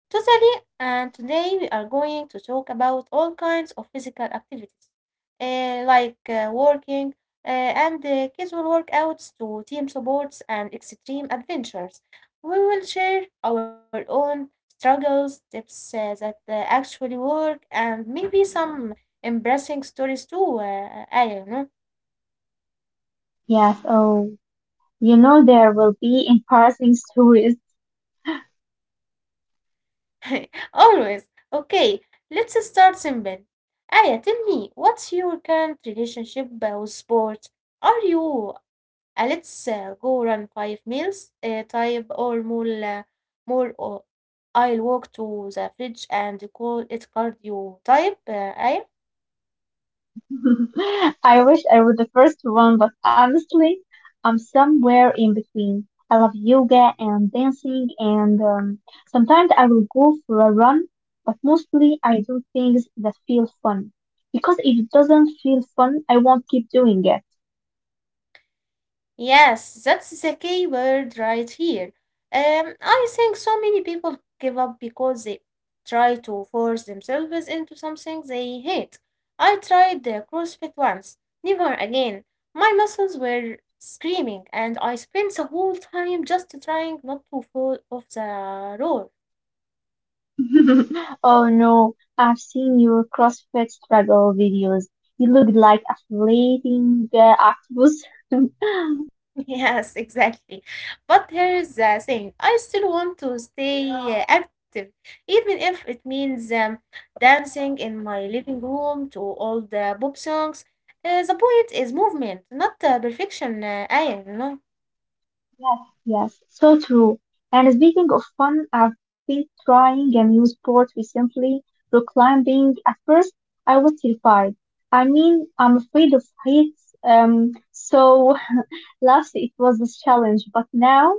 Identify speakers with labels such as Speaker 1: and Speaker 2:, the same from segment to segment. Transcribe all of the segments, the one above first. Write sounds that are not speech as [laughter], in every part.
Speaker 1: Totally, and today we are going to talk about all kinds of physical activities, eh, like working and casual workouts to team supports and extreme adventures. We will share our own struggles, tips that actually work, and maybe some embarrassing stories too. I don't know.
Speaker 2: Yeah, so there will be embarrassing [laughs] stories
Speaker 1: [laughs] Always. Okay, let's start simple. Aya, tell me, what's your current relationship with sport? Are you a let's go run 5 miles type or more, more or I'll walk to the fridge and call it cardio type? Aya?
Speaker 2: [laughs] I wish I was the first one, but honestly, I'm somewhere in between. I love yoga and dancing, and sometimes I will go for a run, but mostly I do things that feel fun. Because if it doesn't feel fun, I won't keep doing it.
Speaker 1: Yes, that's the key word right here. I think so many people give up because they try to force themselves into something they hate. I tried the CrossFit once, never again. My muscles were screaming, and I spent the whole time just trying not to fall off the roar.
Speaker 2: [laughs] Oh no, I've seen your CrossFit struggle videos. You look like a flating octopus. [laughs]
Speaker 1: [laughs] Yes, exactly. But here's the thing, I still want to stay active, even if it means dancing in my living room to all the pop songs. The point is movement, not perfection, Aya, you know.
Speaker 2: Yes, yes, so true. And speaking of fun, I've been trying a new sport recently, rock climbing. At first, I was terrified. I mean, I'm afraid of heights, so [laughs] last it was a challenge, but now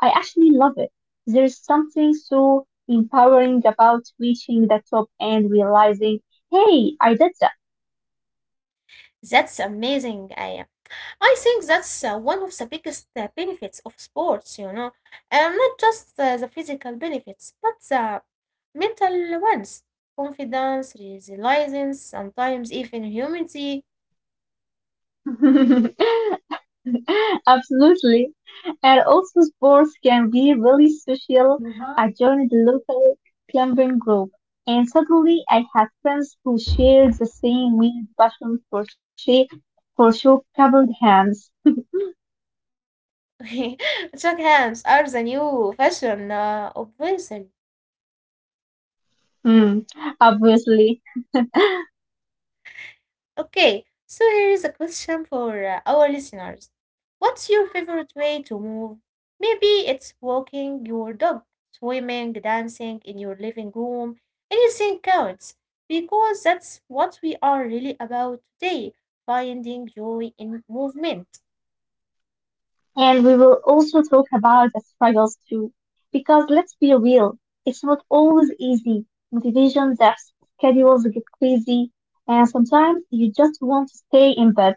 Speaker 2: I actually love it. There's something so empowering about reaching the top and realizing, hey, I did
Speaker 1: That's amazing, Aya. I think that's one of the biggest benefits of sports, you know. And not just the physical benefits, but the mental ones. Confidence, resilience, sometimes even humility.
Speaker 2: that. [laughs] [laughs] Absolutely. And also sports can be really special. I
Speaker 1: Uh-huh.
Speaker 2: joined the local climbing group and suddenly I had friends who shared the same weird passion for shape for shoe covered hands.
Speaker 1: [laughs] Shake hands are the new fashion, obviously.
Speaker 2: Hmm, obviously.
Speaker 1: Okay, [laughs] so here is a question for our listeners. What's your favorite way to move? Maybe it's walking your dog, swimming, dancing in your living room. Anything counts because that's what we are really about today, finding joy in movement.
Speaker 2: And we will also talk about the struggles too. Because let's be real, it's not always easy. Motivation zaps, schedules get crazy, and sometimes you just want to stay in bed.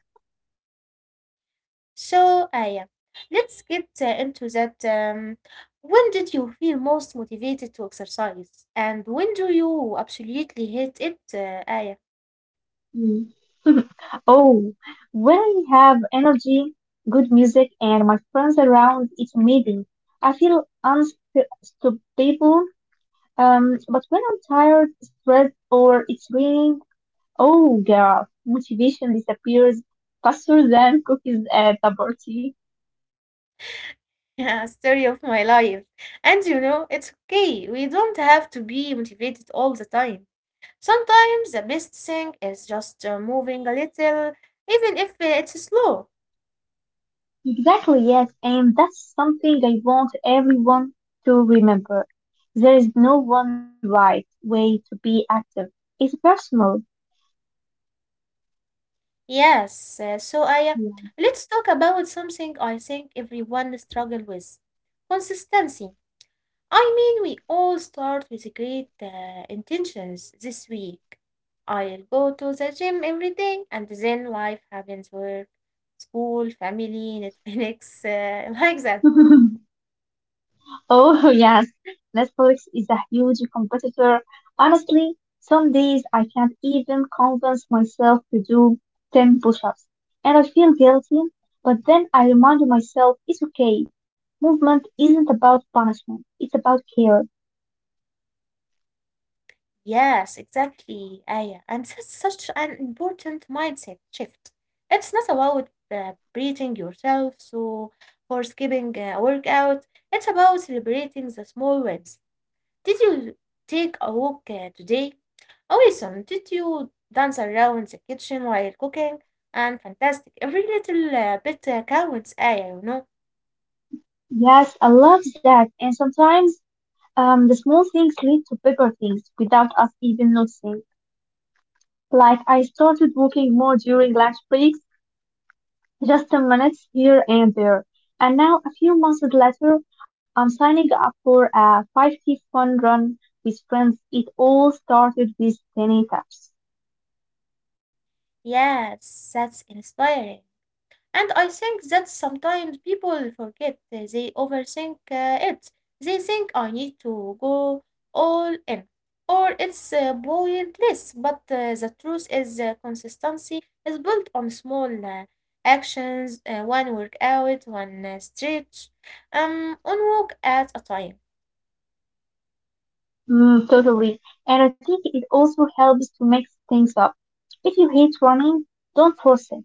Speaker 1: So, yeah, let's get into that. When did you feel most motivated to exercise? And when do you absolutely hate it? Aya,
Speaker 2: Mm. [laughs] Oh, when I have energy, good music, and my friends around, it's amazing. I feel unstoppable. But when I'm tired, stressed, or it's raining, oh girl, motivation disappears faster than cookies at a party.
Speaker 1: [laughs] yeah, story of my life. And you know, it's okay. We don't have to be motivated all the time. Sometimes the best thing is just moving a little, even if it's slow.
Speaker 2: Exactly, yes, and that's something I want everyone to remember. There is no one right way to be active. It's personal.
Speaker 1: Yes, so Aya, let's talk about something I think everyone struggles with consistency. I mean, we all start with great intentions this week. I'll go to the gym every day, and then life happens work, school, family, Netflix, [laughs] like that.
Speaker 2: Yeah. [laughs] Oh, [laughs] yes. Netflix is a huge competitor. Honestly, some days I can't even convince myself to do 10 push-ups, and I feel guilty, but then I remind myself it's okay. Movement isn't about punishment, it's about care.
Speaker 1: Yes, exactly, Aya. And that's such an important mindset shift. It's not about beating yourself so or skipping a workout. It's about celebrating the small wins. Did you take a walk today? Awesome. Did you dance around the kitchen while cooking? And fantastic. Every little bit counts. I.
Speaker 2: Yes, I love that. And sometimes the small things lead to bigger things without us even noticing. Like I started walking more during lunch breaks just a minute here and there. And now, a few months later, I'm signing up for a 5K fun run with friends. It all started with tiny taps.
Speaker 1: Yes, that's inspiring. And I think that sometimes people forget, they overthink it. They think I need to go all in, or it's a pointless. But the truth is, consistency is built on small actions, one workout, one stretch, one walk at a time.
Speaker 2: Mm, totally. And I think it also helps to mix things up. If you hate running, don't force it.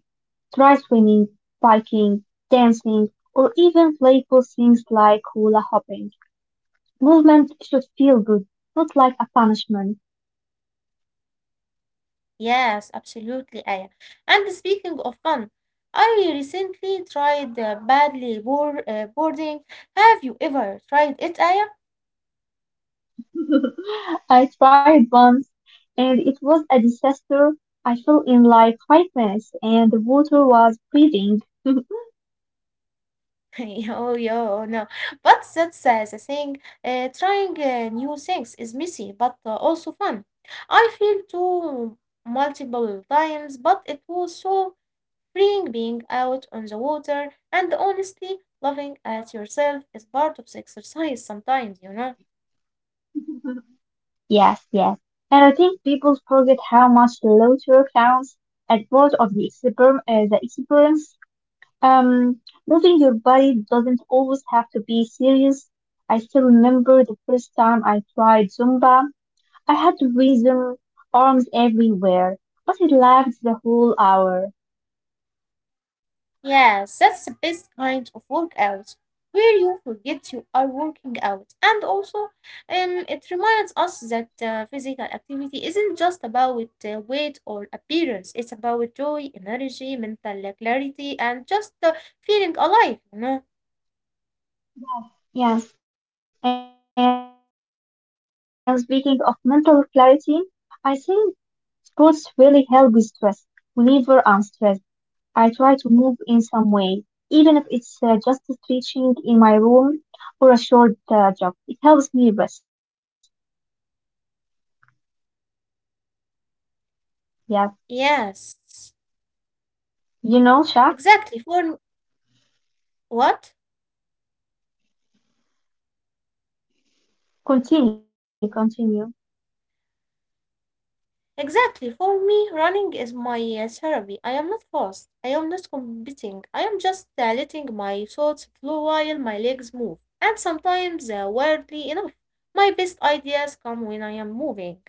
Speaker 2: Try swimming, biking, dancing, or even playful things like hula hopping. Movement should feel good, not like a punishment.
Speaker 1: Yes, absolutely, Aya. And speaking of fun, I recently tried boarding. Have you ever tried it, Aya?
Speaker 2: [laughs] I tried once and it was a disaster. I fell in like 5 minutes and the water was freezing. [laughs]
Speaker 1: [laughs] Yo, yo, no. But that says I think, trying new things is messy, but also fun. I feel too multiple times, but it was so freeing being out on the water and honestly, loving at yourself is part of the exercise sometimes, you know.
Speaker 2: Yes. And I think people forget how much the laughter counts as part of the, the experience. Um, moving your body doesn't always have to be serious. I still remember the first time I tried Zumba. I had to reason arms everywhere, but I laughed the whole hour.
Speaker 1: Yes, that's the best kind of workout where you forget you are working out. And also, it reminds us that physical activity isn't just about weight or appearance, it's about joy, energy, mental clarity, and just feeling alive, you know?
Speaker 2: Yes, and speaking of mental clarity, I think sports really help with stress. Whenever I'm stressed, I try to move in some way, even if it's just stretching in my room or a short jog. It helps me rest. Yes,
Speaker 1: Yes,
Speaker 2: you know, Shah.
Speaker 1: exactly. For what?
Speaker 2: Continue.
Speaker 1: Exactly. For me, running is my therapy. I am not fast. I am not competing. I am just letting my thoughts flow while my legs move. And sometimes, weirdly enough, my best ideas come when I am moving.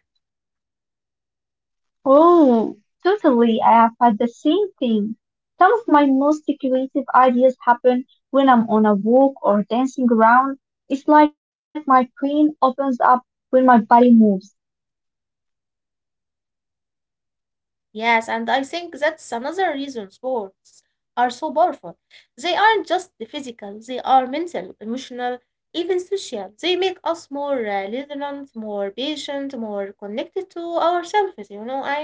Speaker 2: Oh, totally. I have had the same thing. Some of my most creative ideas happen when I'm on a walk or dancing around. It's like my brain opens up when my body moves.
Speaker 1: Yes, and I think that's another reason sports are so powerful. They aren't just the physical, they are mental, emotional, even social. They make us more resilient, more patient, more connected to ourselves, you know, I.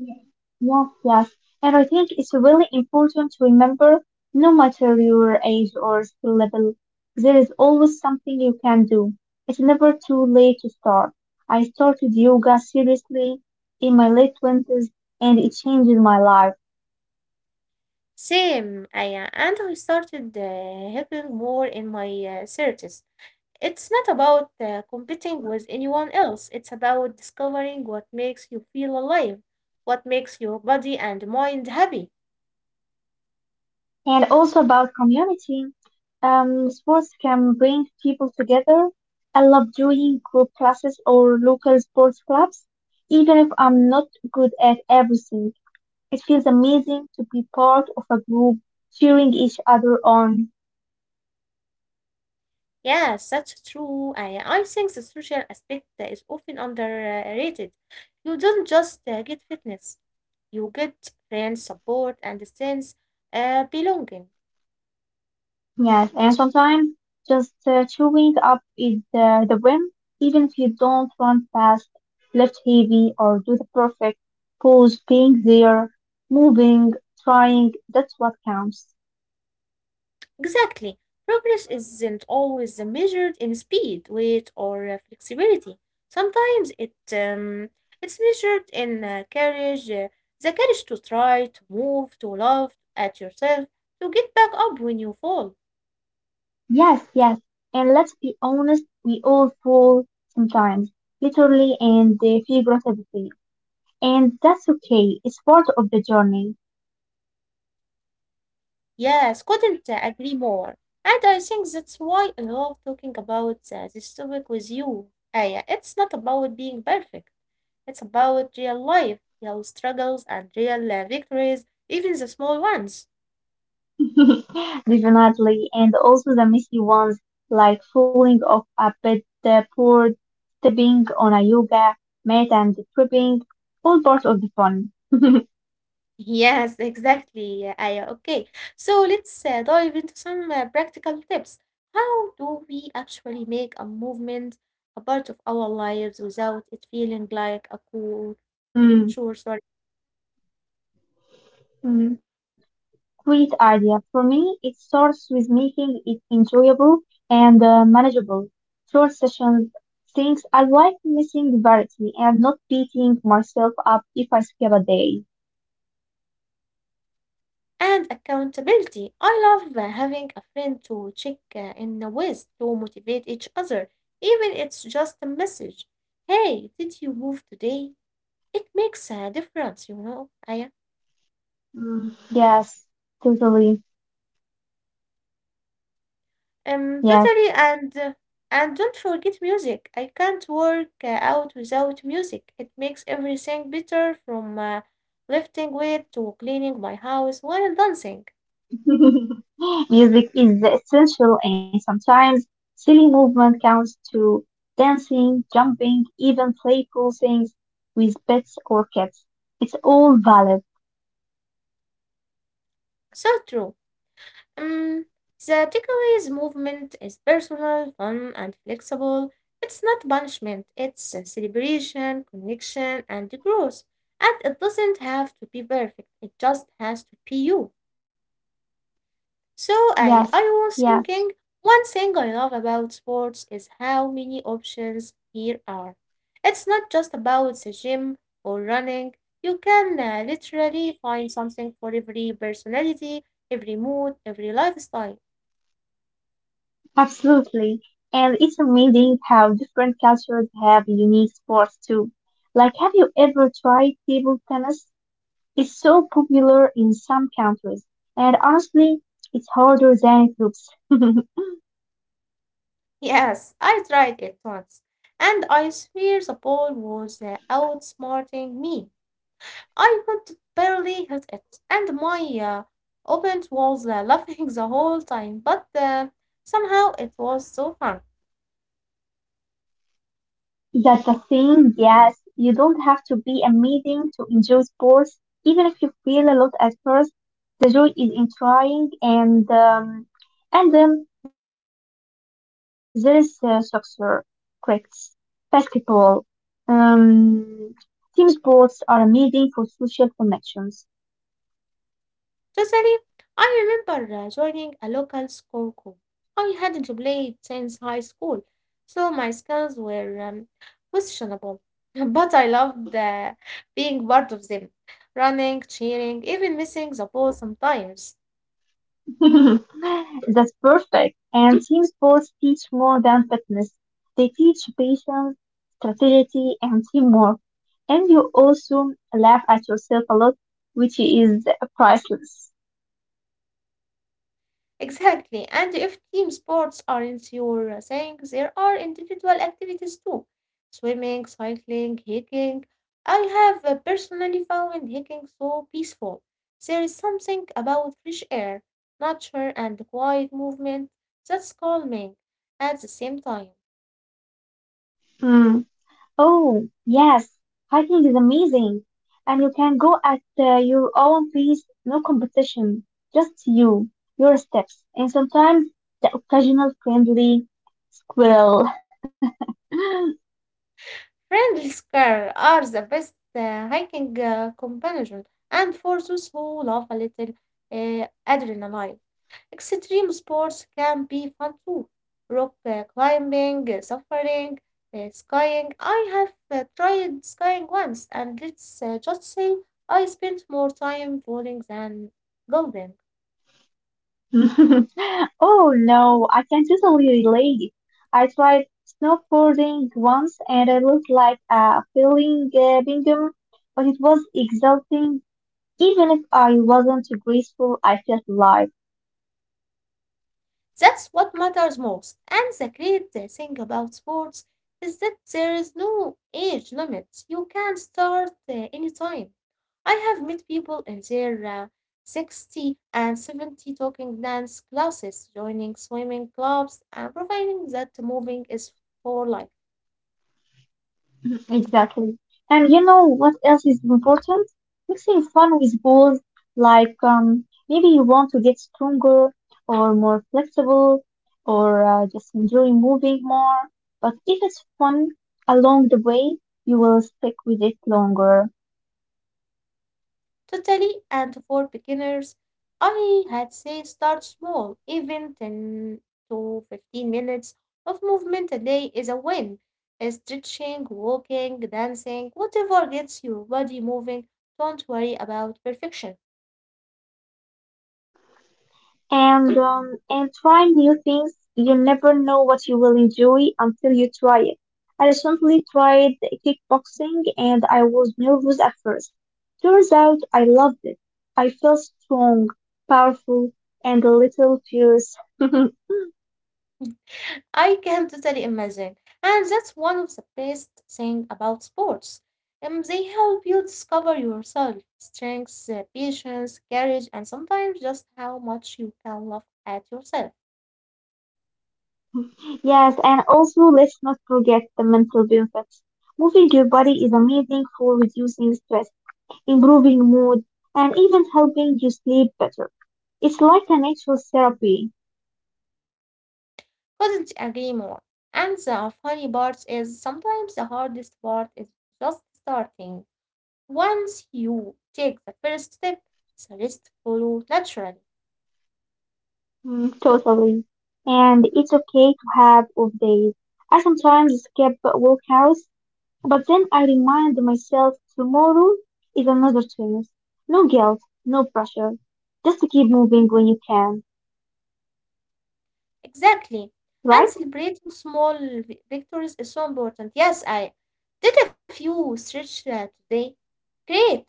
Speaker 2: Yes, yes. And I think it's really important to remember, no matter your age or skill level, there is always something you can do. It's never too late to start. I started yoga seriously in my late 20's and it changed my life.
Speaker 1: Same, and I started helping more in my 30s. It's not about competing with anyone else, it's about discovering what makes you feel alive, what makes your body and mind happy.
Speaker 2: And also about community. Sports can bring people together. I love doing group classes or local sports clubs, even if I'm not good at everything. It feels amazing to be part of a group cheering each other on.
Speaker 1: Yes, that's true. I think the social aspect is often underrated. You don't just get fitness, you get friends, support, and a sense belonging.
Speaker 2: Yes, and sometimes just chewing up is the win, even if you don't run fast, lift heavy, or do the perfect pose. Being there, moving, trying, that's what counts.
Speaker 1: Exactly. Progress isn't always measured in speed, weight, or flexibility. Sometimes it's measured in courage, the courage to try, to move, to love at yourself, to get back up when you fall.
Speaker 2: Yes. And let's be honest, we all fall sometimes, literally and figuratively. And that's okay. It's part of the journey.
Speaker 1: Yes, couldn't agree more. And I think that's why I love talking about this topic with you. Aya, it's not about being perfect. It's about real life, real struggles, and real victories, even the small ones.
Speaker 2: [laughs] Definitely. And also the messy ones, like falling off a bed, the board, stepping on a yoga mat and tripping, all part of the fun. [laughs]
Speaker 1: Yes, exactly. Aya, okay, so let's dive into some practical tips. How do we actually make a movement a part of our lives without it feeling like a cool chore?
Speaker 2: Mm,
Speaker 1: Sorry.
Speaker 2: mm. Great idea. For me, it starts with making it enjoyable and manageable. Short sessions, things I like missing variety and not beating myself up if I skip a day.
Speaker 1: And accountability. I love having a friend to check in with to motivate each other, even it's just a message. Hey, did you move today? It makes a difference, you know, Aya.
Speaker 2: Mm. Yes, totally. Yes.
Speaker 1: Totally, and don't forget music. I can't work out without music. It makes everything better, from lifting weight to cleaning my house while dancing.
Speaker 2: [laughs] Music is essential and sometimes silly movement counts to dancing, jumping, even playful things with pets or cats. It's all valid.
Speaker 1: So true. Um, the takeaways movement is personal, fun, and flexible. It's not punishment. It's a celebration, connection, and growth. And it doesn't have to be perfect. It just has to be you. So
Speaker 2: Yes,
Speaker 1: I was
Speaker 2: yes.
Speaker 1: thinking, one thing I love about sports is how many options here are. It's not just about the gym or running. You can literally find something for every personality, every mood, every lifestyle.
Speaker 2: Absolutely. And it's amazing how different cultures have unique sports too. Like, have you ever tried table tennis? It's so popular in some countries, and honestly, it's harder than it looks. [laughs]
Speaker 1: Yes, I tried it once, and I swear the ball was outsmarting me. I could barely hit it, and my opponent was [laughs] laughing the whole time, but somehow it was so fun.
Speaker 2: That's the thing, yes. You don't have to be amazing to enjoy sports. Even if you feel a lot at first, the joy is in trying and then there is soccer, crickets, basketball. Um, team sports are amazing for social connections.
Speaker 1: Totally, I remember joining a local school group. I hadn't played since high school, so my skills were questionable, [laughs] but I loved being part of them, running, cheering, even missing the ball sometimes.
Speaker 2: [laughs] That's perfect. And team sports teach more than fitness. They teach patience, strategy, and teamwork. And you also laugh at yourself a lot, which is priceless.
Speaker 1: Exactly. And if team sports aren't your thing, there are individual activities too. Swimming, cycling, hiking. I have personally found hiking so peaceful. There is something about fresh air, nature, and quiet movement that's calming at the same time.
Speaker 2: Mm. Oh, yes, hiking is amazing. And you can go at your own pace, no competition, just you, your steps, and sometimes the occasional friendly squirrel.
Speaker 1: Friendly squirrel are the best hiking companion, and for those who love a little adrenaline. Extreme sports can be fun too. Rock climbing, suffering, skying. I have tried skying once, and let's just say I spent more time falling than golden.
Speaker 2: [laughs] Oh no, I can totally relate. I tried snowboarding once and I looked like a failing Bingham, but it was exhausting. Even if I wasn't graceful, I felt alive.
Speaker 1: That's what matters most. And the great thing about sports is that there is no age limit. You can start anytime. I have met people in their 60 and 70 talking dance classes, joining swimming clubs, and providing that moving is for life.
Speaker 2: Exactly. And you know what else is important? Mixing fun with goals, like maybe you want to get stronger or more flexible or just enjoy moving more. But if it's fun along the way, you will stick with it longer.
Speaker 1: Totally, and for beginners, I had say start small, even 10 to 15 minutes of movement a day is a win. Stretching, walking, dancing, whatever gets your body moving, don't worry about perfection.
Speaker 2: And try new things. You never know what you will enjoy until you try it. I recently tried kickboxing and I was nervous at first. Turns out I loved it. I felt strong, powerful, and a little fierce. [laughs]
Speaker 1: I can totally imagine. And that's one of the best thing about sports. They help you discover yourself, strengths, patience, courage, and sometimes just how much you can laugh at yourself.
Speaker 2: Yes, and also let's not forget the mental benefits. Moving your body is amazing for reducing stress, improving mood, and even helping you sleep better. It's like a natural therapy.
Speaker 1: Couldn't agree more. And the funny part is sometimes the hardest part is just starting. Once you take the first step, the rest follow naturally.
Speaker 2: Mm, totally. And it's okay to have off days. I sometimes skip workouts, but then I remind myself tomorrow is another chance. No guilt, no pressure. Just to keep moving when you can,
Speaker 1: Exactly. And
Speaker 2: right? [laughs]
Speaker 1: celebrating small victories is so important. Yes, I did a few stretch today. Great.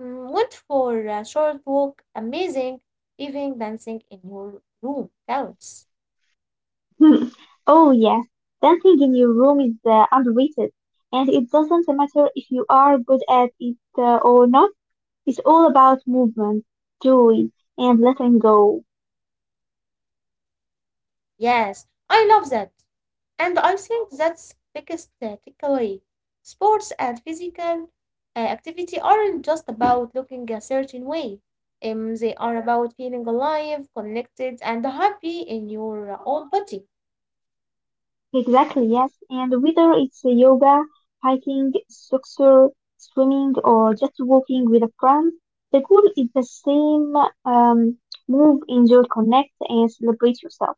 Speaker 1: Mm, went for a short walk. Amazing. Even dancing in your room counts.
Speaker 2: Hmm. Oh yes, dancing in your room is underrated, and it doesn't matter if you are good at it or not. It's all about movement, joy, and letting go.
Speaker 1: Yes, I love that. And I think that's biggest takeaway. Sports and physical activity aren't just about looking a certain way. They are about feeling alive, connected, and happy in your own body.
Speaker 2: Exactly, yes. And whether it's a yoga, hiking, soccer, swimming, or just walking with a friend, the goal is the same. Um, move, enjoy, connect, and celebrate yourself.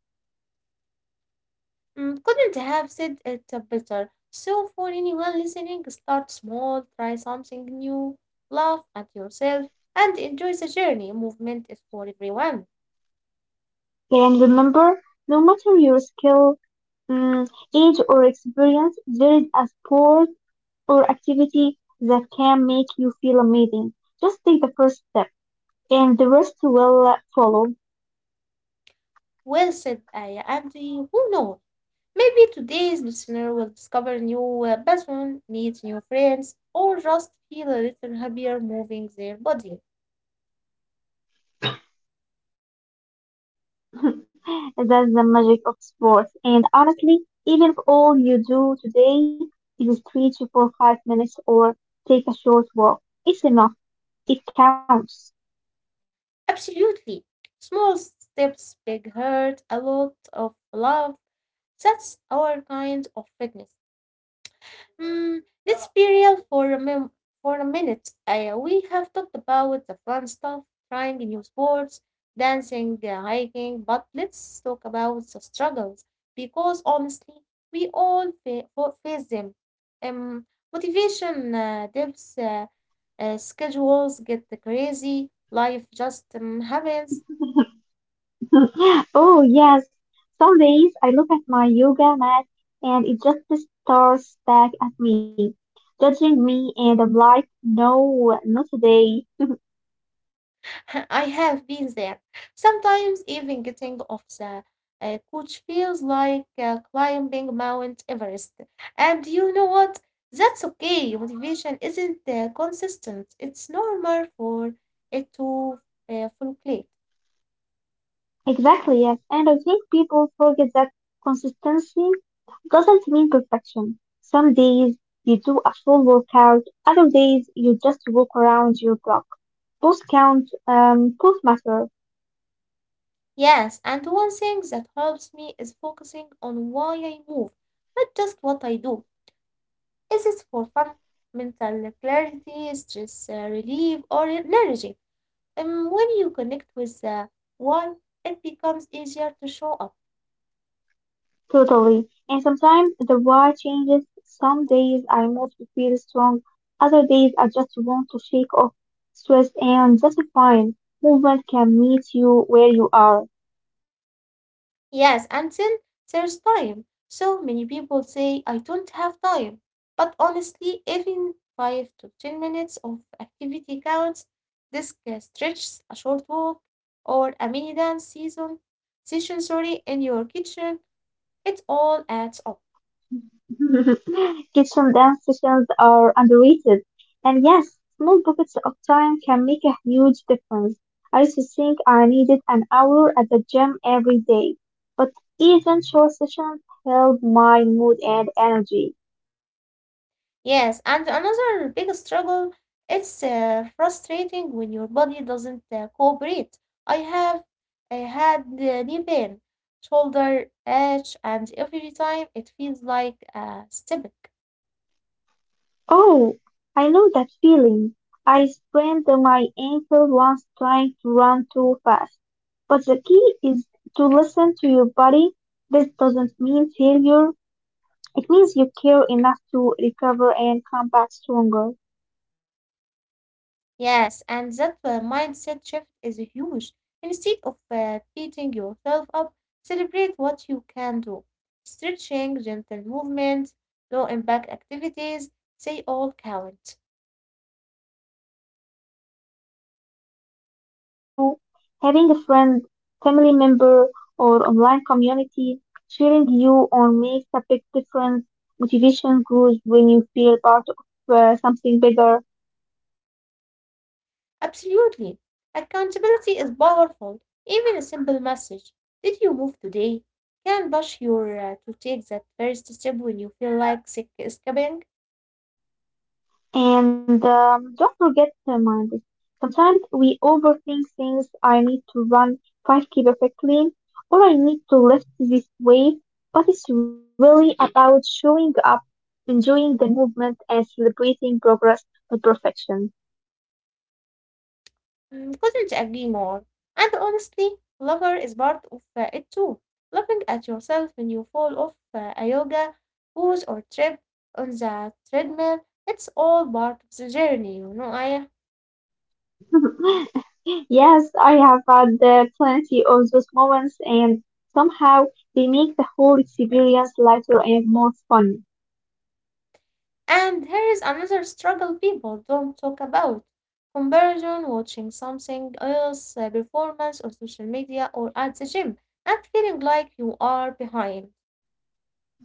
Speaker 1: Mm, couldn't have said it better. So, for anyone listening, start small, try something new, laugh at yourself, and enjoy the journey. Movement is for everyone.
Speaker 2: And remember, no matter your skill, um, age, or experience, there is a sport or activity that can make you feel amazing. Just take the first step, and the rest will follow.
Speaker 1: Well said, I and who knows? Maybe today's listener will discover new passion, meet new friends, or just feel a little happier moving their body.
Speaker 2: [laughs] That's the magic of sports. And honestly, even if all you do today is stretch for 5 minutes or take a short walk, it's enough. It counts.
Speaker 1: Absolutely. Small steps, big heart, a lot of love. That's our kind of fitness. Let's be real for for a minute. We have talked about the fun stuff, trying new sports, dancing, hiking, but let's talk about the struggles because honestly, we all face them. Um, Motivation dips, schedules get crazy, life just happens.
Speaker 2: [laughs] Oh, yes. Some days I look at my yoga mat and it just stares back at me, judging me, and I'm like, no, not today.
Speaker 1: [laughs] I have been there. Sometimes even getting off the coach feels like climbing Mount Everest. And you know what? That's okay. Motivation isn't consistent. It's normal for it to fluctuate.
Speaker 2: Exactly, yes. And I think people forget that consistency doesn't mean perfection. Some days you do a full workout, other days you just walk around your block. Both count, both matter,
Speaker 1: Yes, and one thing that helps me is focusing on why I move, not just what I do. Is it for fun, mental clarity, stress relief, or energy? When you connect with the why, it becomes easier to show up.
Speaker 2: totally. And sometimes the why changes. Some days I mostly feel strong, other days I just want to shake off stress and that's fine. Movement can meet you where you are.
Speaker 1: Yes, and then there's time. So many people say, I don't have time. But honestly, even 5 to 10 minutes of activity counts. This can stretch a short walk or a mini dance session sorry, in your kitchen. It all adds up.
Speaker 2: [laughs] Kitchen dance sessions are underrated. And yes, small pockets of time can make a huge difference. I used to think I needed an hour at the gym every day, but even short sessions helped my mood and energy.
Speaker 1: Yes, and another big struggle, it's frustrating when your body doesn't cooperate. I have I had knee pain, shoulder itch, and every time it feels like a stomach.
Speaker 2: Oh, I know that feeling. I sprained my ankle once trying to run too fast. But the key is to listen to your body. This doesn't mean failure. It means you care enough to recover and come back stronger.
Speaker 1: Yes, and that mindset shift is huge. Instead of beating yourself up, celebrate what you can do. Stretching, gentle movements, low impact activities, they all count.
Speaker 2: And finding support helps too. Having a friend, family member, or online community cheering you on makes a big difference. Motivation grows when you feel part of something bigger.
Speaker 1: Absolutely. Accountability is powerful. Even a simple message, did you move today? Can push you to take that first step when you feel like sick escaping.
Speaker 2: And don't forget the mind. Sometimes we overthink things. I need to run 5K perfectly, or I need to lift this weight but it's really about showing up enjoying the movement and celebrating progress, not perfection.
Speaker 1: Mm, couldn't agree more. And honestly, lover is part of it too. Laughing at yourself when you fall off a yoga pose or trip on the treadmill, it's all part of the journey, Aya.
Speaker 2: [laughs] Yes, I have had plenty of those moments, and somehow they make the whole experience lighter and more fun. [laughs]
Speaker 1: And here is another struggle people don't talk about comparison, watching something else, performance on social media or at the gym, and feeling like you are behind.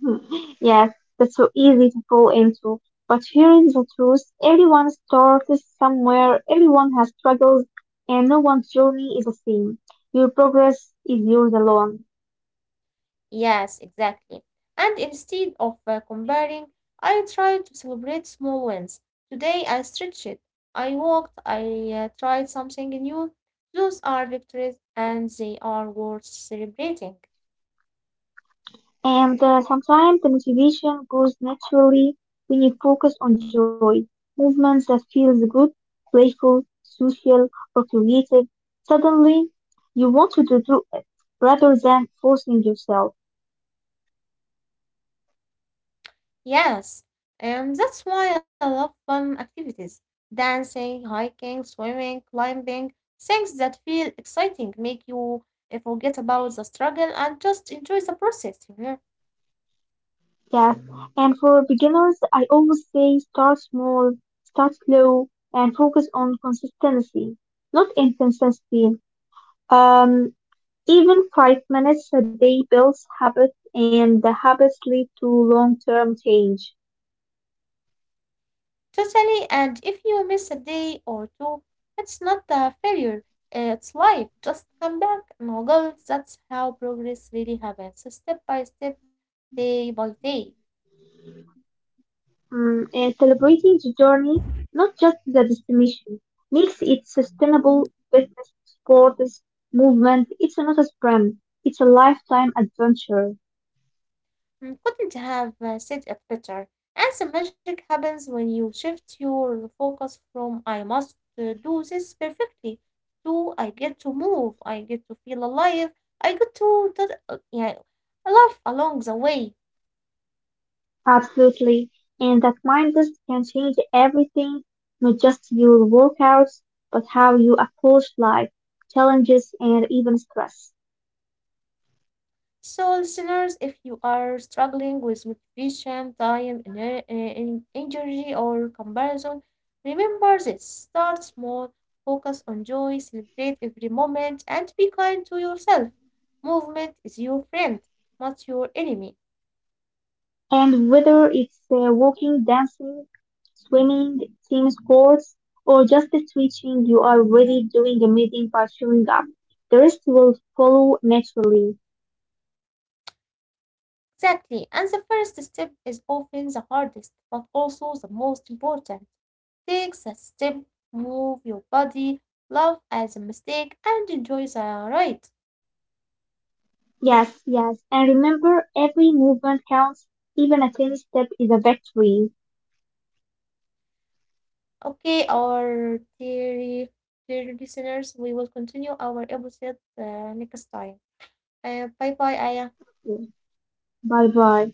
Speaker 2: Hmm. Yes, that's so easy to fall into. But hearing the truth, everyone starts somewhere, everyone has struggles, and no one's journey is the same. Your progress is yours alone.
Speaker 1: Yes, exactly. And instead of comparing, I try to celebrate small wins. Today I stretched, I walked, I tried something new. Those are victories and they are worth celebrating.
Speaker 2: And sometimes the motivation grows naturally when you focus on joy, movements that feels good, playful, social, or creative. Suddenly, you want to do it rather than forcing yourself.
Speaker 1: Yes, and that's why I love fun activities. Dancing, hiking, swimming, climbing, things that feel exciting, make you forget about the struggle and just enjoy the process, you know.
Speaker 2: Yes. And for beginners, I always say start small, start slow, and focus on consistency, not inconsistency. Um, even 5 minutes a day builds habits, and the habits lead to long-term change.
Speaker 1: Totally, and if you miss a day or two, it's not a failure, it's life. Just come back, no goals. That's how progress really happens, step by step, day by day.
Speaker 2: Mm, and celebrating the journey, not just the destination, makes it sustainable business, sports, movement. It's not a sprint, it's a lifetime adventure.
Speaker 1: Mm, couldn't have said it better. And some magic happens when you shift your focus from I must do this perfectly to I get to move, I get to feel alive, I get to yeah, laugh along the way.
Speaker 2: Absolutely. And that mindset can change everything, not just your workouts, but how you approach life, challenges, and even stress.
Speaker 1: So, listeners, if you are struggling with motivation, time, energy, or comparison, remember this start small, focus on joy, celebrate every moment, and be kind to yourself. Movement is your friend, not your enemy.
Speaker 2: And whether it's walking, dancing, swimming, team sports, or just switching, you are already doing amazing by showing up. The rest will follow naturally.
Speaker 1: Exactly. And the first step is often the hardest, but also the most important. Take a step, move your body, laugh at the mistake, and enjoy the ride.
Speaker 2: Yes. And remember, every movement counts. Even a tiny step is a victory.
Speaker 1: Okay, our dear listeners, we will continue our episode next time. Bye bye, Aya.
Speaker 2: Bye bye.